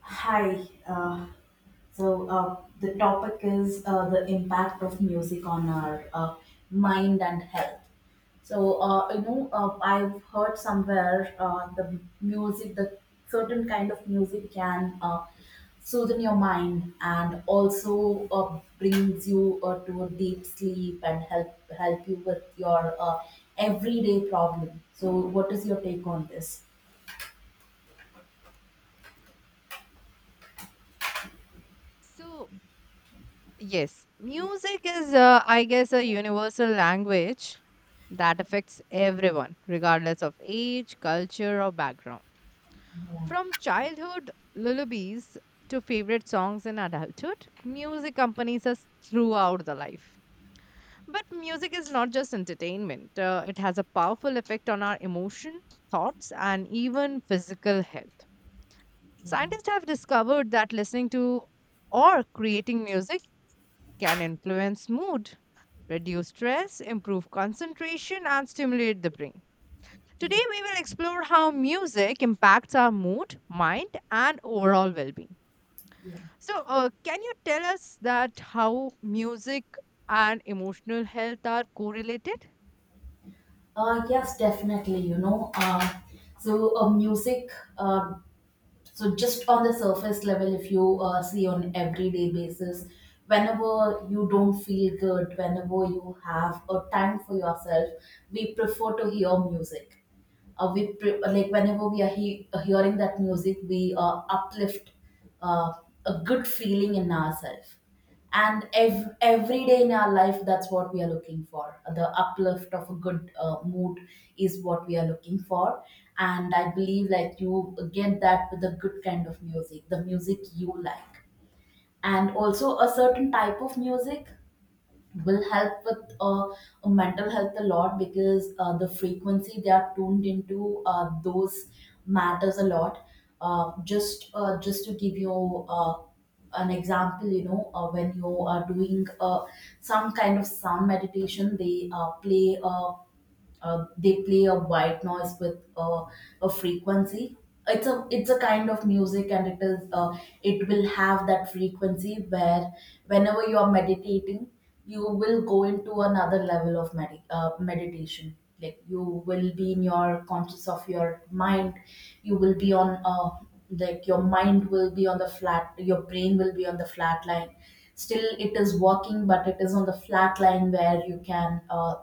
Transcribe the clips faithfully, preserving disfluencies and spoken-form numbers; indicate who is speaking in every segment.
Speaker 1: Hi. Uh, so uh, the topic is uh, the impact of music on our uh, mind and health. So uh, you know, uh, I've heard somewhere uh, the music, the certain kind of music can uh, soothe your mind and also uh, brings you uh, to a deep sleep and help help you with your uh, everyday problem. So, what is your take on this?
Speaker 2: So, yes, music is, uh, I guess, a universal language that affects everyone, regardless of age, culture, or background.
Speaker 1: Yeah,
Speaker 2: From childhood lullabies to favorite songs in adulthood, music accompanies us throughout the life. But music is not just entertainment, uh, it has a powerful effect on our emotion, thoughts, and even physical health.
Speaker 1: yeah,
Speaker 2: Scientists have discovered that listening to or creating music can influence mood, reduce stress, improve concentration, and stimulate the brain.
Speaker 1: yeah,
Speaker 2: Today, we will explore how music impacts our mood, mind, and overall well being.
Speaker 1: yeah.
Speaker 2: So, uh, can you tell us that how music and emotional health are correlated?
Speaker 1: Uh, yes, definitely. You know, uh, so uh, music. Uh, so just on the surface level, if you uh, see on everyday basis, whenever you don't feel good, whenever you have a time for yourself, we prefer to hear music, uh, we pre- like whenever we are he- hearing that music we uh, uplift uh, a good feeling in ourselves. And ev- every day in our life that's what we are looking for, the uplift of a good uh, mood is what we are looking for. And I believe like you get that with a good kind of music, the music you like, and also a certain type of music will help with uh, mental health a lot, because uh, the frequency they are tuned into, uh, those matters a lot. Uh, just uh, just to give you uh, an example, you know, uh, when you are doing uh, some kind of sound meditation, they uh, play. Uh, uh, they play a white noise with a a frequency. It's a, it's a kind of music, and it is uh, it will have that frequency where whenever you are meditating you will go into another level of medi- uh, meditation. Like you will be in your conscious of your mind, you will be on uh, like your mind will be on the flat, your brain will be on the flat line. Still it is working, but it is on the flat line where you can uh,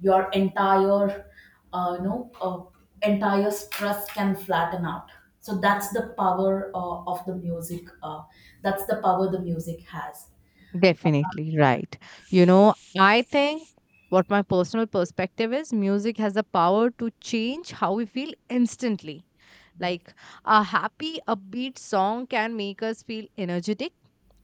Speaker 1: your entire uh, you know uh, entire stress can flatten out. So that's the power uh, of the music, uh, that's the power the music has.
Speaker 2: Definitely right. You know, I think what my personal perspective is music has the power to change how we feel instantly.
Speaker 1: Yes.
Speaker 2: Like a happy, upbeat song can make us feel energetic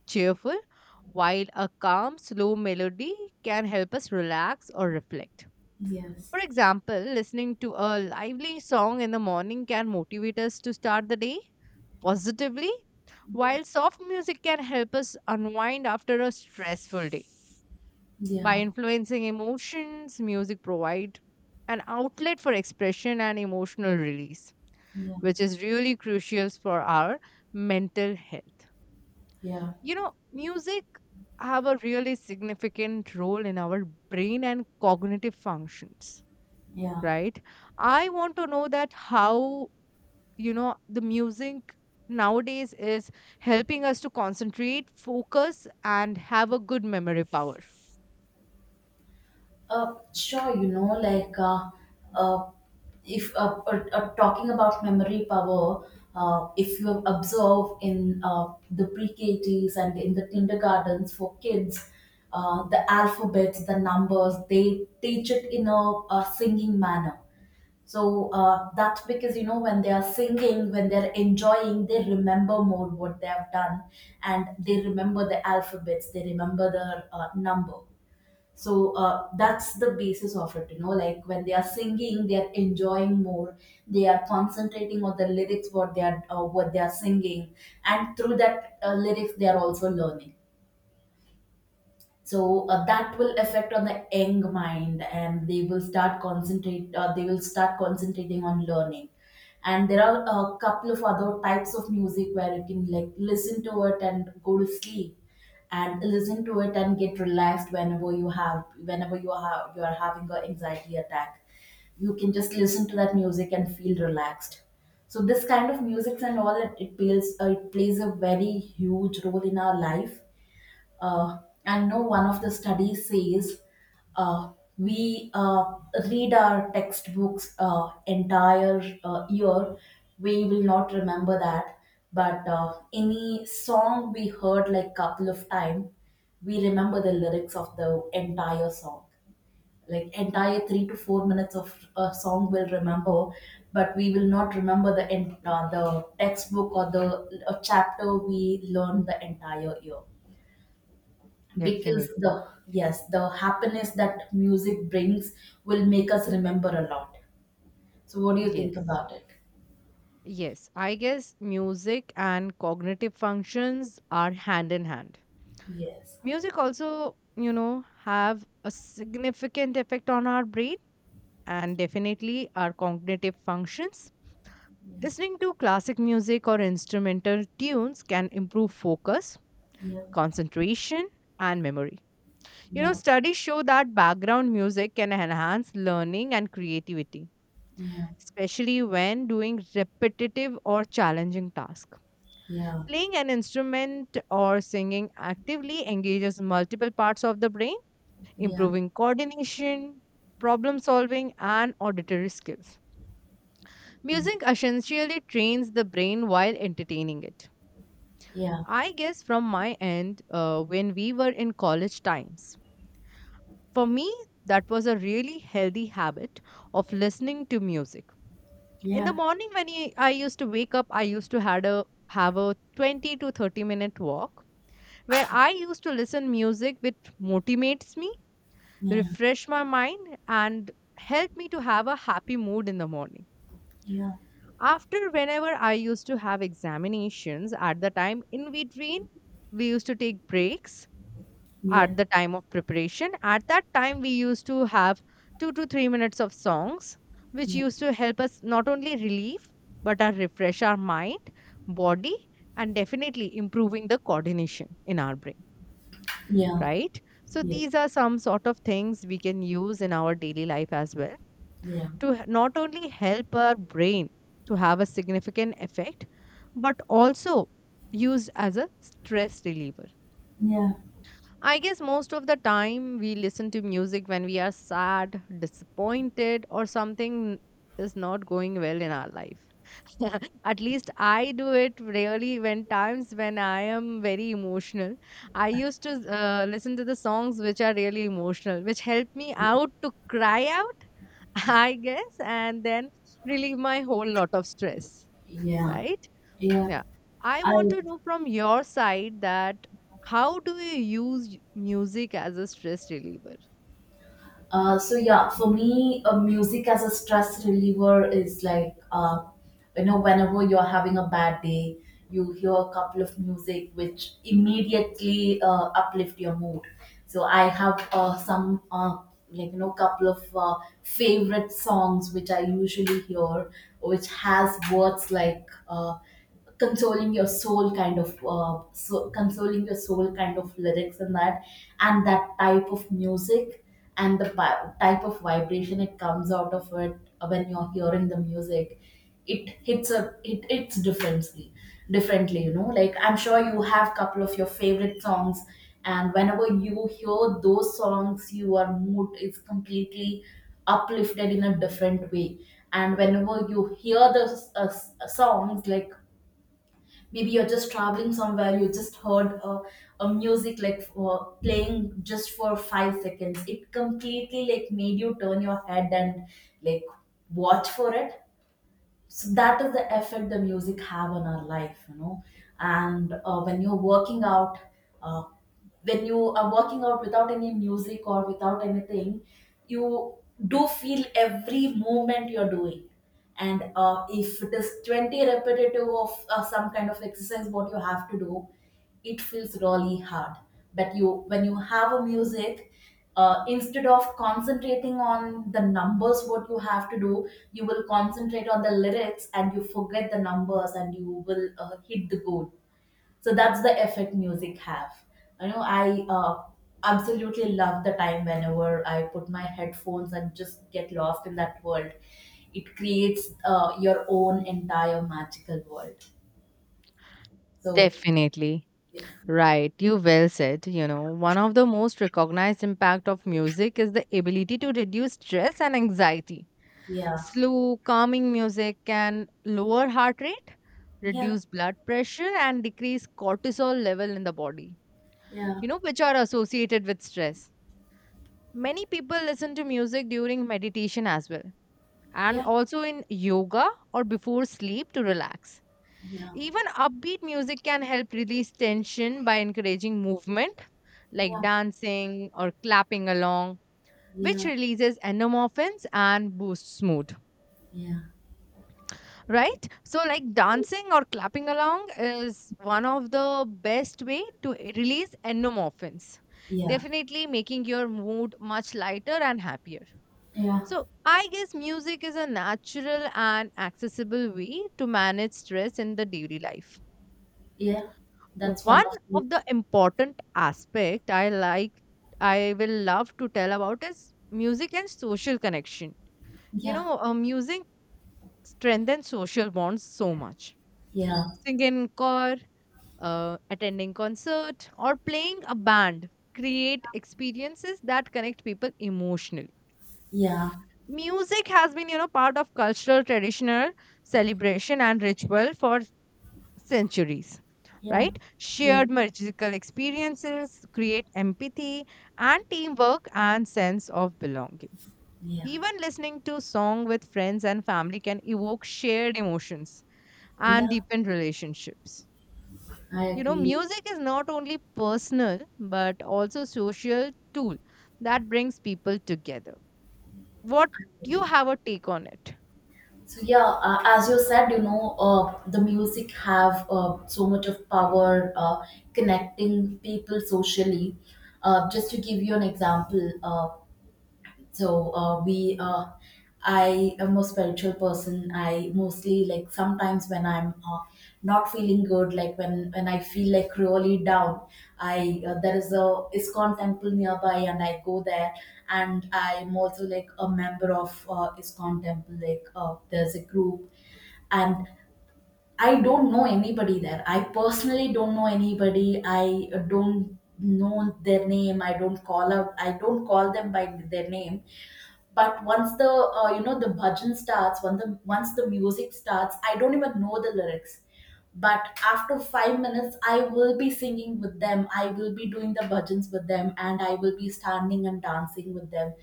Speaker 2: cheerful, while a calm, slow melody can help us relax or reflect.
Speaker 1: Yes.
Speaker 2: For example, listening to a lively song in the morning can motivate us to start the day positively,
Speaker 1: Yeah,
Speaker 2: while soft music can help us unwind after a stressful day.
Speaker 1: yeah,
Speaker 2: By influencing emotions, music provides an outlet for expression and emotional release,
Speaker 1: yeah,
Speaker 2: which is really crucial for our mental health.
Speaker 1: yeah.
Speaker 2: You know, music have a really significant role in our brain and cognitive functions,
Speaker 1: Yeah.
Speaker 2: right? I want to know that how, you know, the music nowadays is helping us to concentrate, focus, and have a good memory power.
Speaker 1: Uh, sure, you know, like uh, uh, if uh, uh, uh, talking about memory power, uh, if you observe in uh, the pre-K Ts and in the kindergartens for kids, uh, the alphabets, the numbers, they teach it in a, a singing manner. So uh, that's because you know when they are singing, when they're enjoying, they remember more what they have done, and they remember the alphabets, they remember the uh, number. So uh, that's the basis of it, you know, like when they are singing they are enjoying more, they are concentrating on the lyrics, what they are uh, what they are singing, and through that uh, lyrics they are also learning. So uh, that will affect on the young mind and they will start concentrate uh, they will start concentrating on learning. And there are a couple of other types of music where you can like listen to it and go to sleep, and listen to it and get relaxed whenever you have, whenever you are, you are having an anxiety attack, you can just listen to that music and feel relaxed. So this kind of music and all, it, it plays uh, it plays a very huge role in our life. uh, I know one of the studies says uh, we uh, read our textbooks uh, entire uh, year, we will not remember that. But uh, any song we heard like couple of time, we remember the lyrics of the entire song. Like entire three to four minutes of a song will remember, but we will not remember the en- uh, the textbook or the uh, chapter we learned the entire year. Because the,
Speaker 2: Definitely.
Speaker 1: yes, the happiness that music brings will make us remember a lot. So what do you think
Speaker 2: Yes.
Speaker 1: about it?
Speaker 2: Yes. I guess music and cognitive functions are hand in hand.
Speaker 1: Yes.
Speaker 2: Music also, you know, have a significant effect on our brain and definitely our cognitive functions.
Speaker 1: Yeah,
Speaker 2: Listening to classic music or instrumental tunes can improve focus,
Speaker 1: yeah,
Speaker 2: concentration, and memory. You know,
Speaker 1: yeah,
Speaker 2: studies show that background music can enhance learning and creativity,
Speaker 1: yeah,
Speaker 2: especially when doing repetitive or challenging tasks.
Speaker 1: yeah,
Speaker 2: Playing an instrument or singing actively engages multiple parts of the brain,
Speaker 1: yeah,
Speaker 2: improving coordination, problem solving, and auditory skills. Music essentially trains the brain while entertaining it.
Speaker 1: yeah,
Speaker 2: I guess from my end, uh, when we were in college times, for me, that was a really healthy habit of listening to music. In
Speaker 1: yeah,
Speaker 2: the morning, when I I used to wake up, I used to had a have a twenty to thirty minute walk where I used to listen music which motivates me,
Speaker 1: yeah,
Speaker 2: refresh my mind, and help me to have a happy mood in the morning.
Speaker 1: yeah, yeah,
Speaker 2: After whenever I used to have examinations at the time in between, we used to take breaks
Speaker 1: yeah,
Speaker 2: at the time of preparation. At that time, we used to have two to three minutes of songs, which used to help us not only relieve but uh, refresh our mind, body, and definitely improving the coordination in our brain,
Speaker 1: yeah,
Speaker 2: right? So,
Speaker 1: yeah,
Speaker 2: these are some sort of things we can use in our daily life as well
Speaker 1: yeah,
Speaker 2: to h- not only help our brain to have a significant effect, but also used as a stress reliever.
Speaker 1: yeah,
Speaker 2: I guess most of the time we listen to music when we are sad, disappointed, or something is not going well in our life. At least I do it really when times when I am very emotional. I used to uh, listen to the songs which are really emotional, which help me out to cry out I guess, and then relieve my whole lot of stress,
Speaker 1: yeah,
Speaker 2: right?
Speaker 1: yeah.
Speaker 2: Yeah. I
Speaker 1: I.
Speaker 2: want to know from your side that how do you use y- music as a stress reliever?
Speaker 1: Uh, so yeah, for me, uh, music as a stress reliever is like, uh, you know, whenever you're having a bad day, you hear a couple of music which immediately uh, uplift your mood. So I have uh, some uh, like you know couple of uh, favorite songs which I usually hear, which has words like. Uh, consoling your soul kind of uh, so consoling your soul kind of lyrics, and that, and that type of music, and the pi- type of vibration it comes out of it. When you're hearing the music, it hits a, it it's differently differently, you know, like I'm sure you have couple of your favorite songs, and whenever you hear those songs your mood is completely uplifted in a different way. And whenever you hear the uh, s- songs like, maybe you're just traveling somewhere, you just heard a, a music like uh, playing just for five seconds, it completely like made you turn your head and like watch for it. So that is the effect the music have on our life, you know. And uh, when you're working out, uh, when you are working out without any music or without anything, you do feel every movement you're doing. And uh, if it is twenty repetitive of uh, some kind of exercise, what you have to do, it feels really hard. But you, when you have a music, uh, instead of concentrating on the numbers, what you have to do, you will concentrate on the lyrics and you forget the numbers and you will uh, hit the goal. So that's the effect music have, you know. I uh, absolutely love the time whenever I put my headphones and just get lost in that world. It creates uh, your own entire magical world. So,
Speaker 2: Definitely.
Speaker 1: yeah,
Speaker 2: Right, you well said. You know, one of the most recognized impact of music is the ability to reduce stress and anxiety.
Speaker 1: yeah,
Speaker 2: Slow, calming music can lower heart rate,
Speaker 1: yeah,
Speaker 2: reduce blood pressure and decrease cortisol level in the body,
Speaker 1: yeah,
Speaker 2: you know, which are associated with stress. Many people listen to music during meditation as well, and
Speaker 1: yeah,
Speaker 2: also in yoga or before sleep to relax.
Speaker 1: yeah,
Speaker 2: Even upbeat music can help release tension by encouraging movement, like
Speaker 1: yeah,
Speaker 2: dancing or clapping along, which
Speaker 1: yeah,
Speaker 2: releases endorphins and boosts mood.
Speaker 1: yeah,
Speaker 2: Right, so like dancing or clapping along is one of the best way to e- release endorphins,
Speaker 1: yeah,
Speaker 2: definitely making your mood much lighter and happier.
Speaker 1: yeah,
Speaker 2: So I guess music is a natural and accessible way to manage stress in the daily life.
Speaker 1: yeah. That's one
Speaker 2: One
Speaker 1: of the,
Speaker 2: of the important aspect I like, I will love to tell about is music and social connection. You
Speaker 1: yeah,
Speaker 2: know, uh, music strengthens social bonds so much.
Speaker 1: yeah,
Speaker 2: Sing in choir, uh, attending concert or playing a band, create experiences that connect people emotionally.
Speaker 1: yeah,
Speaker 2: Music has been, you know, part of cultural traditional celebration and ritual for centuries,
Speaker 1: yeah,
Speaker 2: right?
Speaker 1: yeah,
Speaker 2: Shared magical experiences create empathy and teamwork and sense of belonging.
Speaker 1: yeah,
Speaker 2: Even listening to song with friends and family can evoke shared emotions and
Speaker 1: yeah,
Speaker 2: deepen relationships.
Speaker 1: I
Speaker 2: You know,
Speaker 1: agree.
Speaker 2: music is not only personal but also social tool that brings people together. What you have a take on it?
Speaker 1: So yeah, uh, as you said, you know, uh, the music have uh, so much of power uh, connecting people socially. Uh, just to give you an example, uh, so uh, we uh, I am a spiritual person, I mostly like sometimes when I'm uh, not feeling good, like when when I feel like really down, I uh, there is a Iskon temple nearby and I go there. And I'm also like a member of uh, Iskon temple, like uh, there's a group. And I don't know anybody there, I personally don't know anybody, i uh, don't know their name, I don't call out, I don't call them by their name. But once the uh, you know the bhajan starts, when the, once the music starts, I don't even know the lyrics, but after five minutes I will be singing with them, I will be doing the bhajans with them, and I will be standing and dancing with them.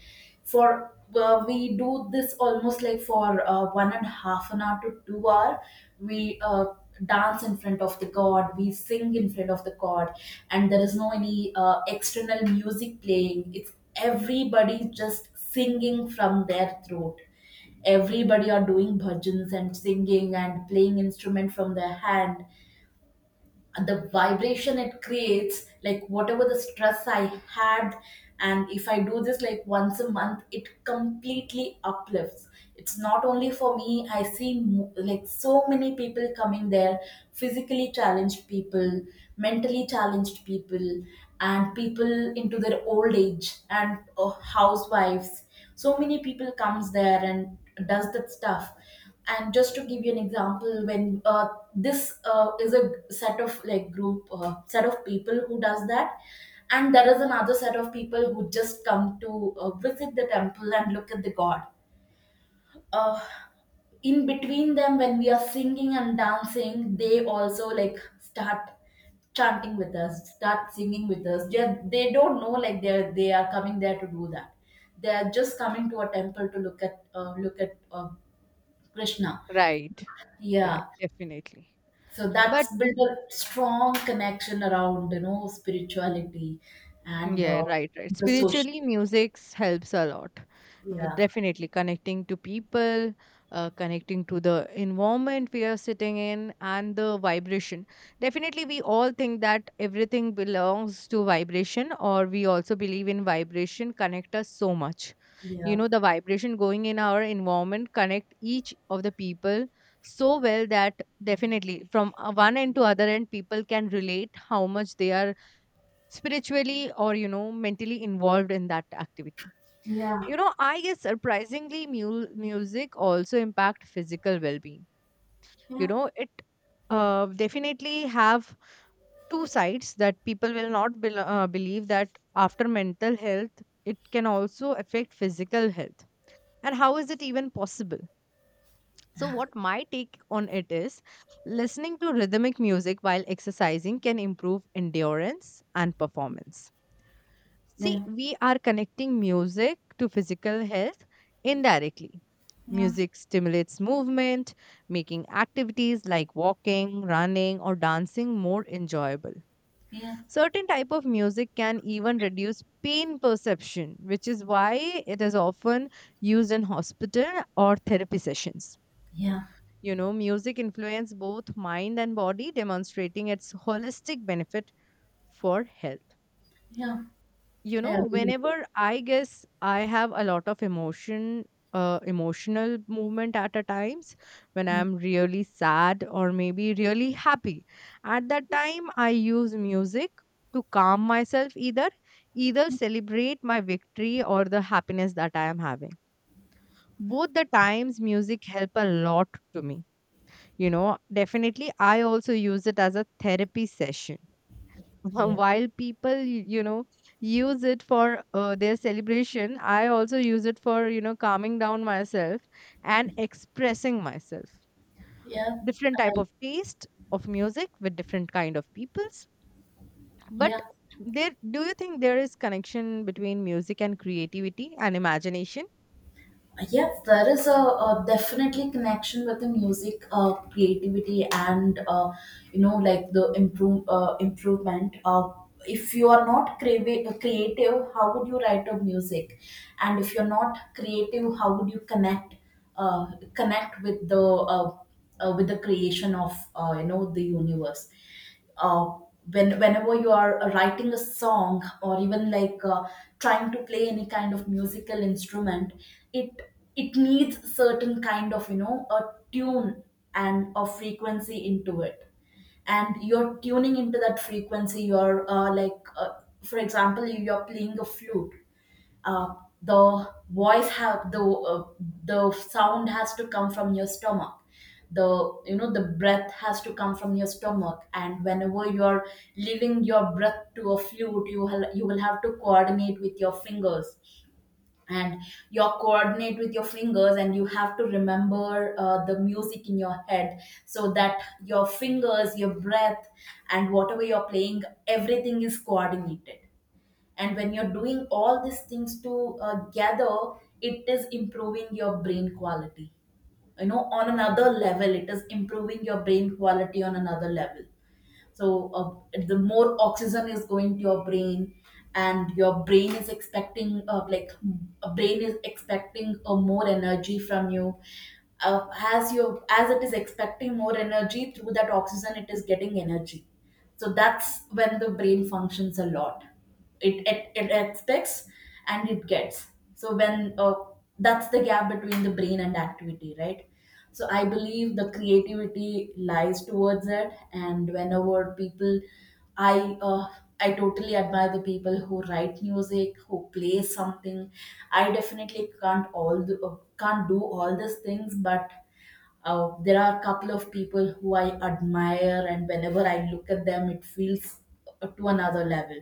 Speaker 1: For uh, we do this almost like for uh, one and a half an hour to two hour. We uh, dance in front of the god, we sing in front of the god. And there is no any uh, external music playing, it's everybody just singing from their throat. Everybody are doing bhajans and singing and playing instrument from their hand. The vibration it creates, like whatever the stress I had, and if I do this like once a month, it completely uplifts. It's not only for me, I see mo- like so many people coming there: physically challenged people, mentally challenged people, and people into their old age, and uh, housewives. So many people comes there and does that stuff. And just to give you an example, when uh, this uh, is a set of like group uh, set of people who does that, and there is another set of people who just come to uh, visit the temple and look at the god, uh, in between them when we are singing and dancing, they also like start chanting with us, start singing with us. They, they don't know, like they're they are coming there to do that, they are just coming to a temple to look at, uh, look at uh, Krishna.
Speaker 2: Right.
Speaker 1: Yeah.
Speaker 2: Right? Definitely.
Speaker 1: So that's
Speaker 2: But
Speaker 1: built a strong connection around, you know, spirituality. And
Speaker 2: yeah,
Speaker 1: uh,
Speaker 2: right, right.
Speaker 1: the social,
Speaker 2: Spiritually, music helps a lot. W-
Speaker 1: yeah,
Speaker 2: Definitely connecting to people, uh, connecting to the environment we are sitting in, and the vibration. Definitely, we all think that everything belongs to vibration, or we also believe in vibration connect us so much. You
Speaker 1: yeah.
Speaker 2: know, the vibration going in our environment connect each of the people so well that definitely from uh, one end to other end, people can relate how much they are spiritually or you know mentally involved in that activity.
Speaker 1: Yeah,
Speaker 2: You know, I guess surprisingly mu- music also impact physical well-being. You
Speaker 1: yeah,
Speaker 2: know, it uh, definitely have two sides that people will not bel uh, believe that after mental health it can also affect physical health, and how is it even possible? So what my take on it is, listening to rhythmic music while exercising can improve endurance and performance. See,
Speaker 1: yeah,
Speaker 2: we are connecting music to physical health indirectly.
Speaker 1: yeah.
Speaker 2: Music stimulates movement, making activities like walking, running, or dancing more enjoyable.
Speaker 1: Yeah,
Speaker 2: Certain type of music can even reduce pain perception, which is why it is often used in hospital or therapy sessions.
Speaker 1: yeah,
Speaker 2: You know, music influence both mind and body, demonstrating its holistic benefit for health.
Speaker 1: yeah,
Speaker 2: You
Speaker 1: I
Speaker 2: know,
Speaker 1: agree with
Speaker 2: whenever
Speaker 1: you.
Speaker 2: I guess I have a lot of emotion, uh, emotional movement at a times when
Speaker 1: Yeah,
Speaker 2: I'm really sad or maybe really happy, at that time I use music to calm myself, either either celebrate my victory or the happiness that I am having. Both the times music help a lot to me. You know, definitely I also use it as a therapy session.
Speaker 1: yeah,
Speaker 2: While people, you know, use it for uh, their celebration, I also use it for you know calming down myself and expressing myself,
Speaker 1: yeah.
Speaker 2: different type
Speaker 1: I,
Speaker 2: of taste of music with different kind of peoples. But
Speaker 1: yeah.
Speaker 2: there, do you think there is connection between music and creativity and imagination?
Speaker 1: Yes, there is a, a definitely connection with the music, uh, creativity, and uh, you know, like the improve uh, improvement. Uh, if you are not creative, creative, how would you write a music? And if you're not creative, how would you connect uh, connect with the uh, uh, with the creation of uh, you know the universe. uh, when whenever you are uh, writing a song or even like uh, trying to play any kind of musical instrument, it it needs certain kind of, you know, a tune and a frequency into it, and you're tuning into that frequency. You're uh, like uh, for example, you're playing a flute. uh, the voice have the uh, the sound has to come from your stomach. The You know, the breath has to come from your stomach, and whenever you are leaving your breath to a flute, you will you will have to coordinate with your fingers, and you coordinate with your fingers, and you have to remember uh, the music in your head, so that your fingers, your breath, and whatever you're playing, everything is coordinated. And when you're doing all these things together, it is improving your brain quality, you know, on another level. It is improving your brain quality on another level. So uh, the more oxygen is going to your brain, and your brain is expecting, uh, like, a brain is expecting uh, more energy from you. Uh, as you as it is expecting more energy through that oxygen, it is getting energy. So that's when the brain functions a lot. It, it it expects, and it gets. So when, uh, that's the gap between the brain and activity, right? So I believe the creativity lies towards it. And whenever people, i uh, I totally admire the people who write music, who play something. I definitely can't all do, uh, can't do all these things, but uh, there are a couple of people who I admire, and whenever I look at them, it feels uh, to another level.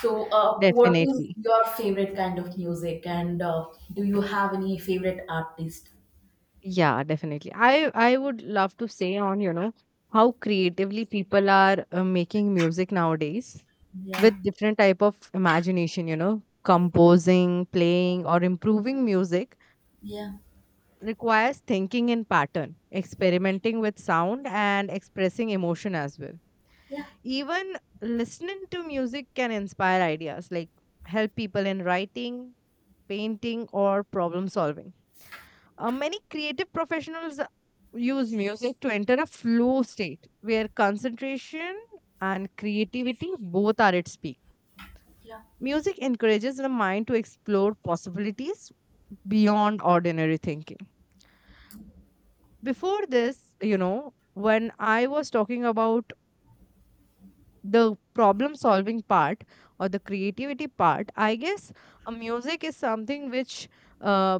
Speaker 1: So, uh, what is
Speaker 2: Definitely.
Speaker 1: your favorite kind of music, and uh, do you have any favorite artist?
Speaker 2: Yeah, definitely. I I would love to say on, you know, how creatively people are uh, making music nowadays,
Speaker 1: Yeah,
Speaker 2: with different type of imagination, you know, composing, playing or improving music
Speaker 1: yeah,
Speaker 2: requires thinking in pattern, experimenting with sound and expressing emotion as well.
Speaker 1: yeah,
Speaker 2: Even listening to music can inspire ideas like help people in writing, painting or problem solving. Uh, many creative professionals uh, use music to enter a flow state where concentration and creativity both are at peak.
Speaker 1: yeah,
Speaker 2: Music encourages the mind to explore possibilities beyond ordinary thinking. Before this, you know, when I was talking about the problem solving part or the creativity part, I guess uh, music is something which uh,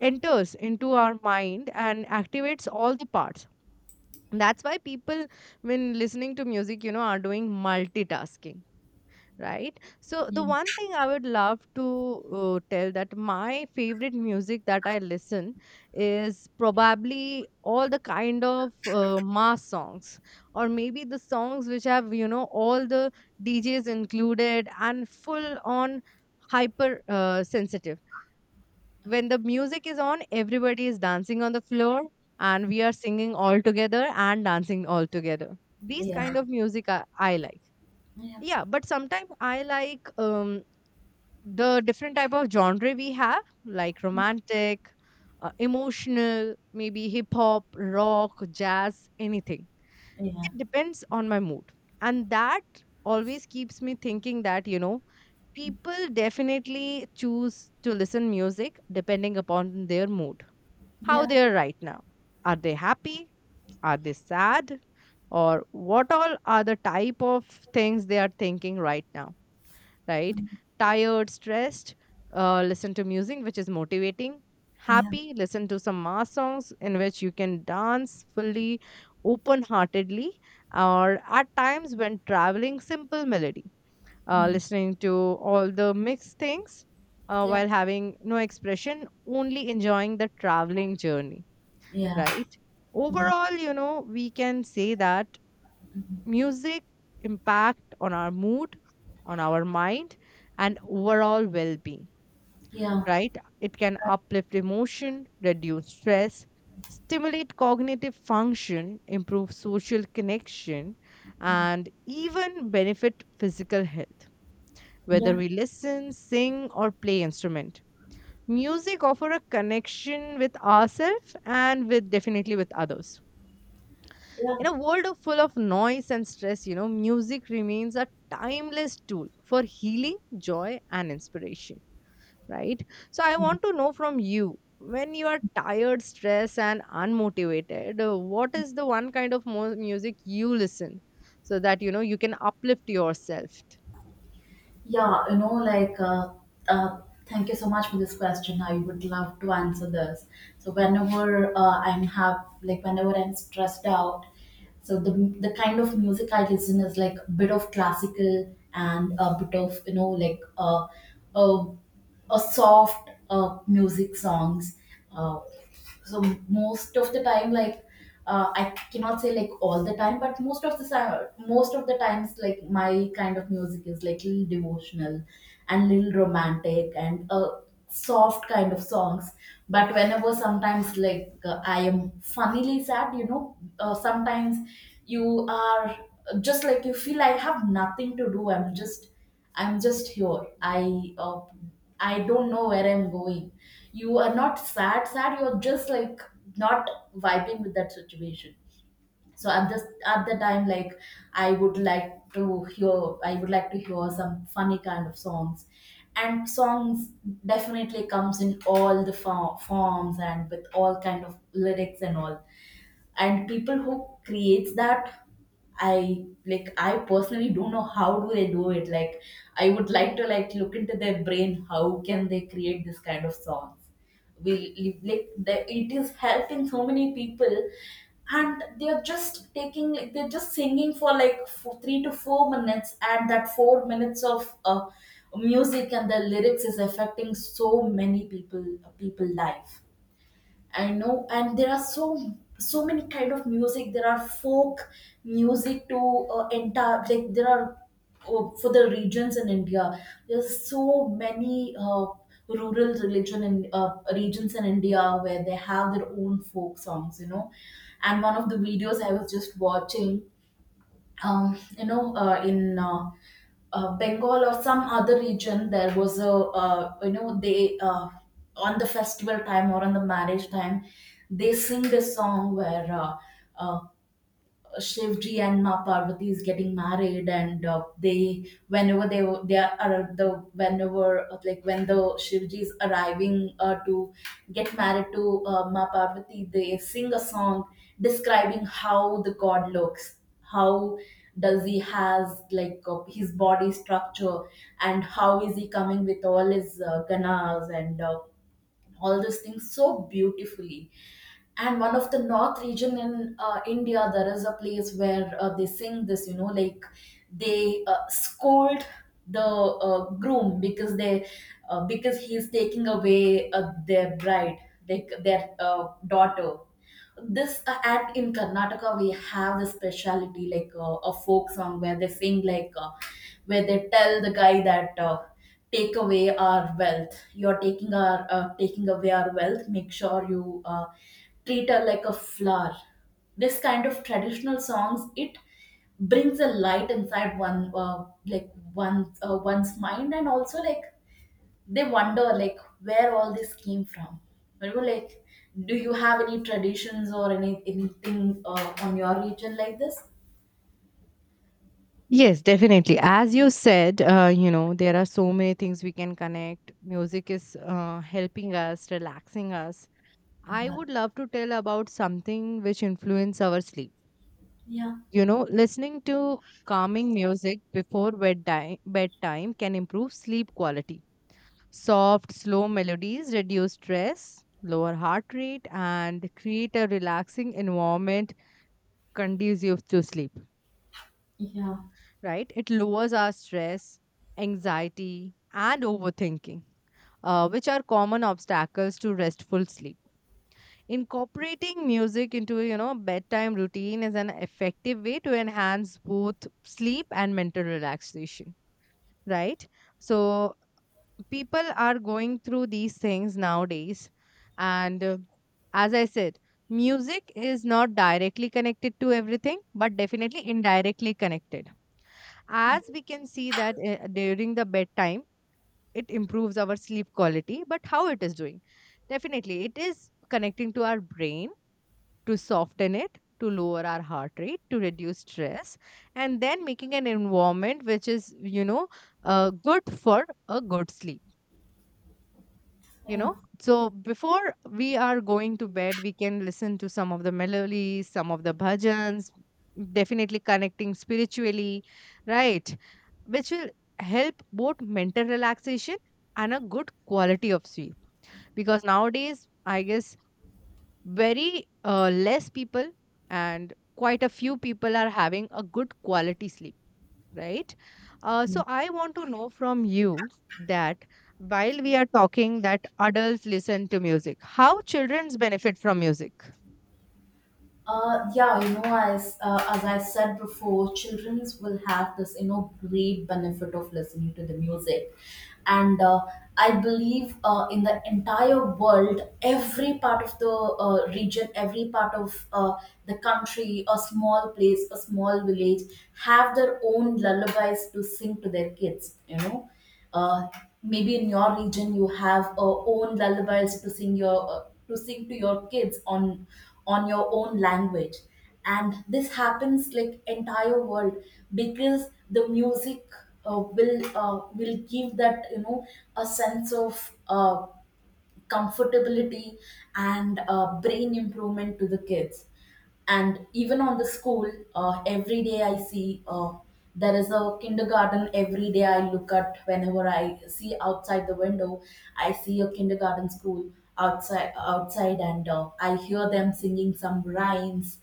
Speaker 2: enters into our mind and activates all the parts. That's why people, when listening to music, you know, are doing multitasking, right? So the
Speaker 1: yeah,
Speaker 2: one thing I would love to uh, tell, that my favorite music that I listen is probably all the kind of uh, mass songs, or maybe the songs which have, you know, all the djs included and full on hyper uh, sensitive. When the music is on, everybody is dancing on the floor and we are singing all together and dancing all together. These
Speaker 1: yeah,
Speaker 2: kind of music I, I like.
Speaker 1: yeah,
Speaker 2: Yeah, but sometimes I like um, the different type of genre we have, like romantic, uh, emotional, maybe hip hop, rock, jazz, anything.
Speaker 1: yeah,
Speaker 2: It depends on my mood. And that always keeps me thinking that, you know, people definitely choose to listen music depending upon their mood, how
Speaker 1: yeah,
Speaker 2: they are right now. Are they happy? Are they sad? Or what all are the type of things they are thinking right now, right?
Speaker 1: mm,
Speaker 2: Tired, stressed, uh, listen to music which is motivating.
Speaker 1: yeah,
Speaker 2: Happy, listen to some mass songs in which you can dance fully, open heartedly, or at times when traveling, simple melody. Uh,
Speaker 1: yeah,
Speaker 2: listening to all the mixed things uh,
Speaker 1: yeah,
Speaker 2: while having no expression, only enjoying the traveling journey,
Speaker 1: yeah,
Speaker 2: right? Overall, you know, we can say that music impact on our mood, on our mind, and overall well-being,
Speaker 1: yeah, yeah,
Speaker 2: right? It can uplift emotion, reduce stress, stimulate cognitive function, improve social connection, and even benefit physical health, whether
Speaker 1: yeah.
Speaker 2: we listen, sing, or play instrument. Music offer a connection with ourselves and with definitely with others.
Speaker 1: Yeah,
Speaker 2: In a world of full of noise and stress, you know, music remains a timeless tool for healing, joy, and inspiration, right? So, I want to know from you, when you are tired, stressed, and unmotivated, uh, what is the one kind of mo- music you listen so that, you know, you can uplift yourself?
Speaker 1: yeah, you know, like, uh, uh, thank you so much for this question. I would love to answer this. So whenever uh, I'm have like whenever I'm stressed out, so the the kind of music I listen is like a bit of classical and a bit of, you know, like, uh, uh, a soft uh, music songs. Uh, so most of the time, like, uh, I cannot say like all the time, but most of the time most of the times, like, my kind of music is like little devotional and little romantic and uh, soft kind of songs. But whenever sometimes, like, uh, I am funnily sad, you know, uh, sometimes you are, just like, you feel I have nothing to do. i'm just I'm just here. I uh, I don't know where I'm going. You are not sad, sad. You're just like not vibing with that situation. So at this at the time, like, I would like to hear, I would like to hear some funny kind of songs, and songs definitely comes in all the fo- forms and with all kind of lyrics and all. And people who creates that, I like. I personally don't know how do they do it. Like, I would like to, like, look into their brain. How can they create this kind of songs? We live like the, it is helping so many people, and they're just taking, like, they're just singing for like for three to four minutes, and that four minutes of uh, music and the lyrics is affecting so many people, people life. I know, and there are so so many kind of music. There are folk music to uh, entire, like, there are uh, for the regions in India. There's so many uh, rural religion in uh, regions in India where they have their own folk songs. You know, and one of the videos I was just watching, um, you know, uh, in uh, uh, Bengal or some other region, there was a, uh, you know, they uh, on the festival time or on the marriage time, they sing this song where uh, uh, Shivji and Ma Parvati is getting married, and uh, they whenever they they are the whenever uh, like when the Shivji is arriving uh, to get married to uh, Ma Parvati, they sing a song describing how the god looks, how does he has, like, uh, his body structure, and how is he coming with all his uh, ganas and uh, all those things so beautifully. And one of the north region in uh, India, there is a place where uh, they sing this, you know, like, they uh, scold the uh, groom because they uh, because he's taking away uh, their bride, like, their uh, daughter. This uh, at In Karnataka, we have the speciality, like, uh, a folk song where they sing, like, uh, where they tell the guy that, uh, take away our wealth. You're taking our uh, taking away our wealth. Make sure you uh, treat her like a flower. This kind of traditional songs, it brings a light inside one, uh, like, one uh, one's mind. And also, like, they wonder, like, where all this came from. You know, like, do you have any traditions or any anything uh, on your region like this?
Speaker 2: Yes, definitely. As you said, uh, you know, there are so many things we can connect. Music is uh, helping us, relaxing us. I
Speaker 1: Yeah,
Speaker 2: would love to tell about something which influences our sleep.
Speaker 1: yeah,
Speaker 2: You know, listening to calming music before bedtime, bedtime can improve sleep quality. Soft, slow melodies reduce stress, lower heart rate, and create a relaxing environment conducive to sleep,
Speaker 1: yeah,
Speaker 2: right? It lowers our stress, anxiety, and overthinking, uh, which are common obstacles to restful sleep. Incorporating music into, you know, bedtime routine is an effective way to enhance both sleep and mental relaxation, right? So people are going through these things nowadays. And uh, as I said, music is not directly connected to everything, but definitely indirectly connected. As we can see that uh, during the bedtime, it improves our sleep quality, but how it is doing? Definitely, it is connecting to our brain to soften it, to lower our heart rate, to reduce stress, and then making an environment which is, you know, uh, good for a good sleep. You
Speaker 1: yeah.
Speaker 2: know, so before we are going to bed, we can listen to some of the melodies, some of the bhajans, definitely connecting spiritually, right? Which will help both mental relaxation and a good quality of sleep, because nowadays I guess very uh, less people and quite a few people are having a good quality sleep, right? Uh, so I want to know from you that, while we are talking that adults listen to music, how children's benefit from music?
Speaker 1: Uh, yeah, you know, as uh, as I said before, children will have this, you know, great benefit of listening to the music, and uh, I believe uh, in the entire world, every part of the uh, region, every part of uh, the country, a small place, a small village, have their own lullabies to sing to their kids. You know, uh, maybe in your region you have uh, own lullabies to sing your uh, to sing to your kids on on your own language. And this happens like entire world, because the music uh, will uh, will give that, you know, a sense of uh, comfortability and uh, brain improvement to the kids. And even on the school, uh, every day I see, uh, there is a kindergarten. Every day I look at, whenever I see outside the window, I see a kindergarten school outside. Outside and uh, I hear them singing some rhymes,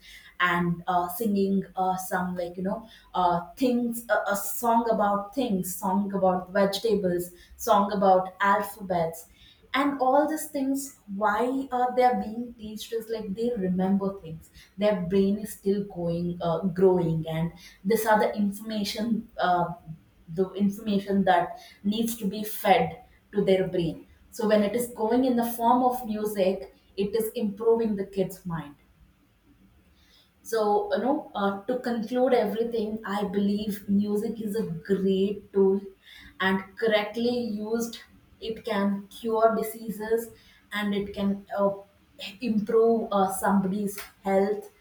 Speaker 1: and uh, singing uh, some, like, you know, uh, things, a, a song about things, song about vegetables, song about alphabets. And all these things, why uh, they are being teached is, like, they remember things. Their brain is still going uh, growing, and this are the information, uh, the information that needs to be fed to their brain. So when it is going in the form of music, it is improving the kid's mind. So, you know, uh, to conclude everything, I believe music is a great tool, and correctly used, it can cure diseases, and it can uh, improve uh, somebody's health,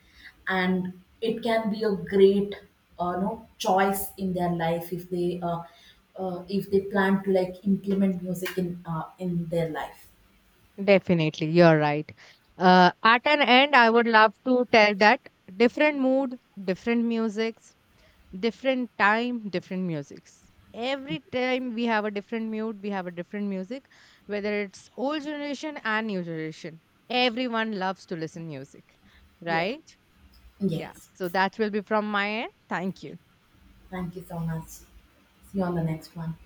Speaker 1: and it can be a great, uh, you know, choice in their life if they, uh, uh, if they plan to, like, implement music in uh, in their life.
Speaker 2: Definitely you're right. Uh, at an end I would love to tell that different mood, different music, different time, different musics. Every time we have a different mood, we have a different music, whether it's old generation and new generation, everyone loves to listen music,
Speaker 1: Yeah.
Speaker 2: right? Yeah,
Speaker 1: Yes.
Speaker 2: so that will be from my end. Thank you.
Speaker 1: Thank you so much. See you on the next one.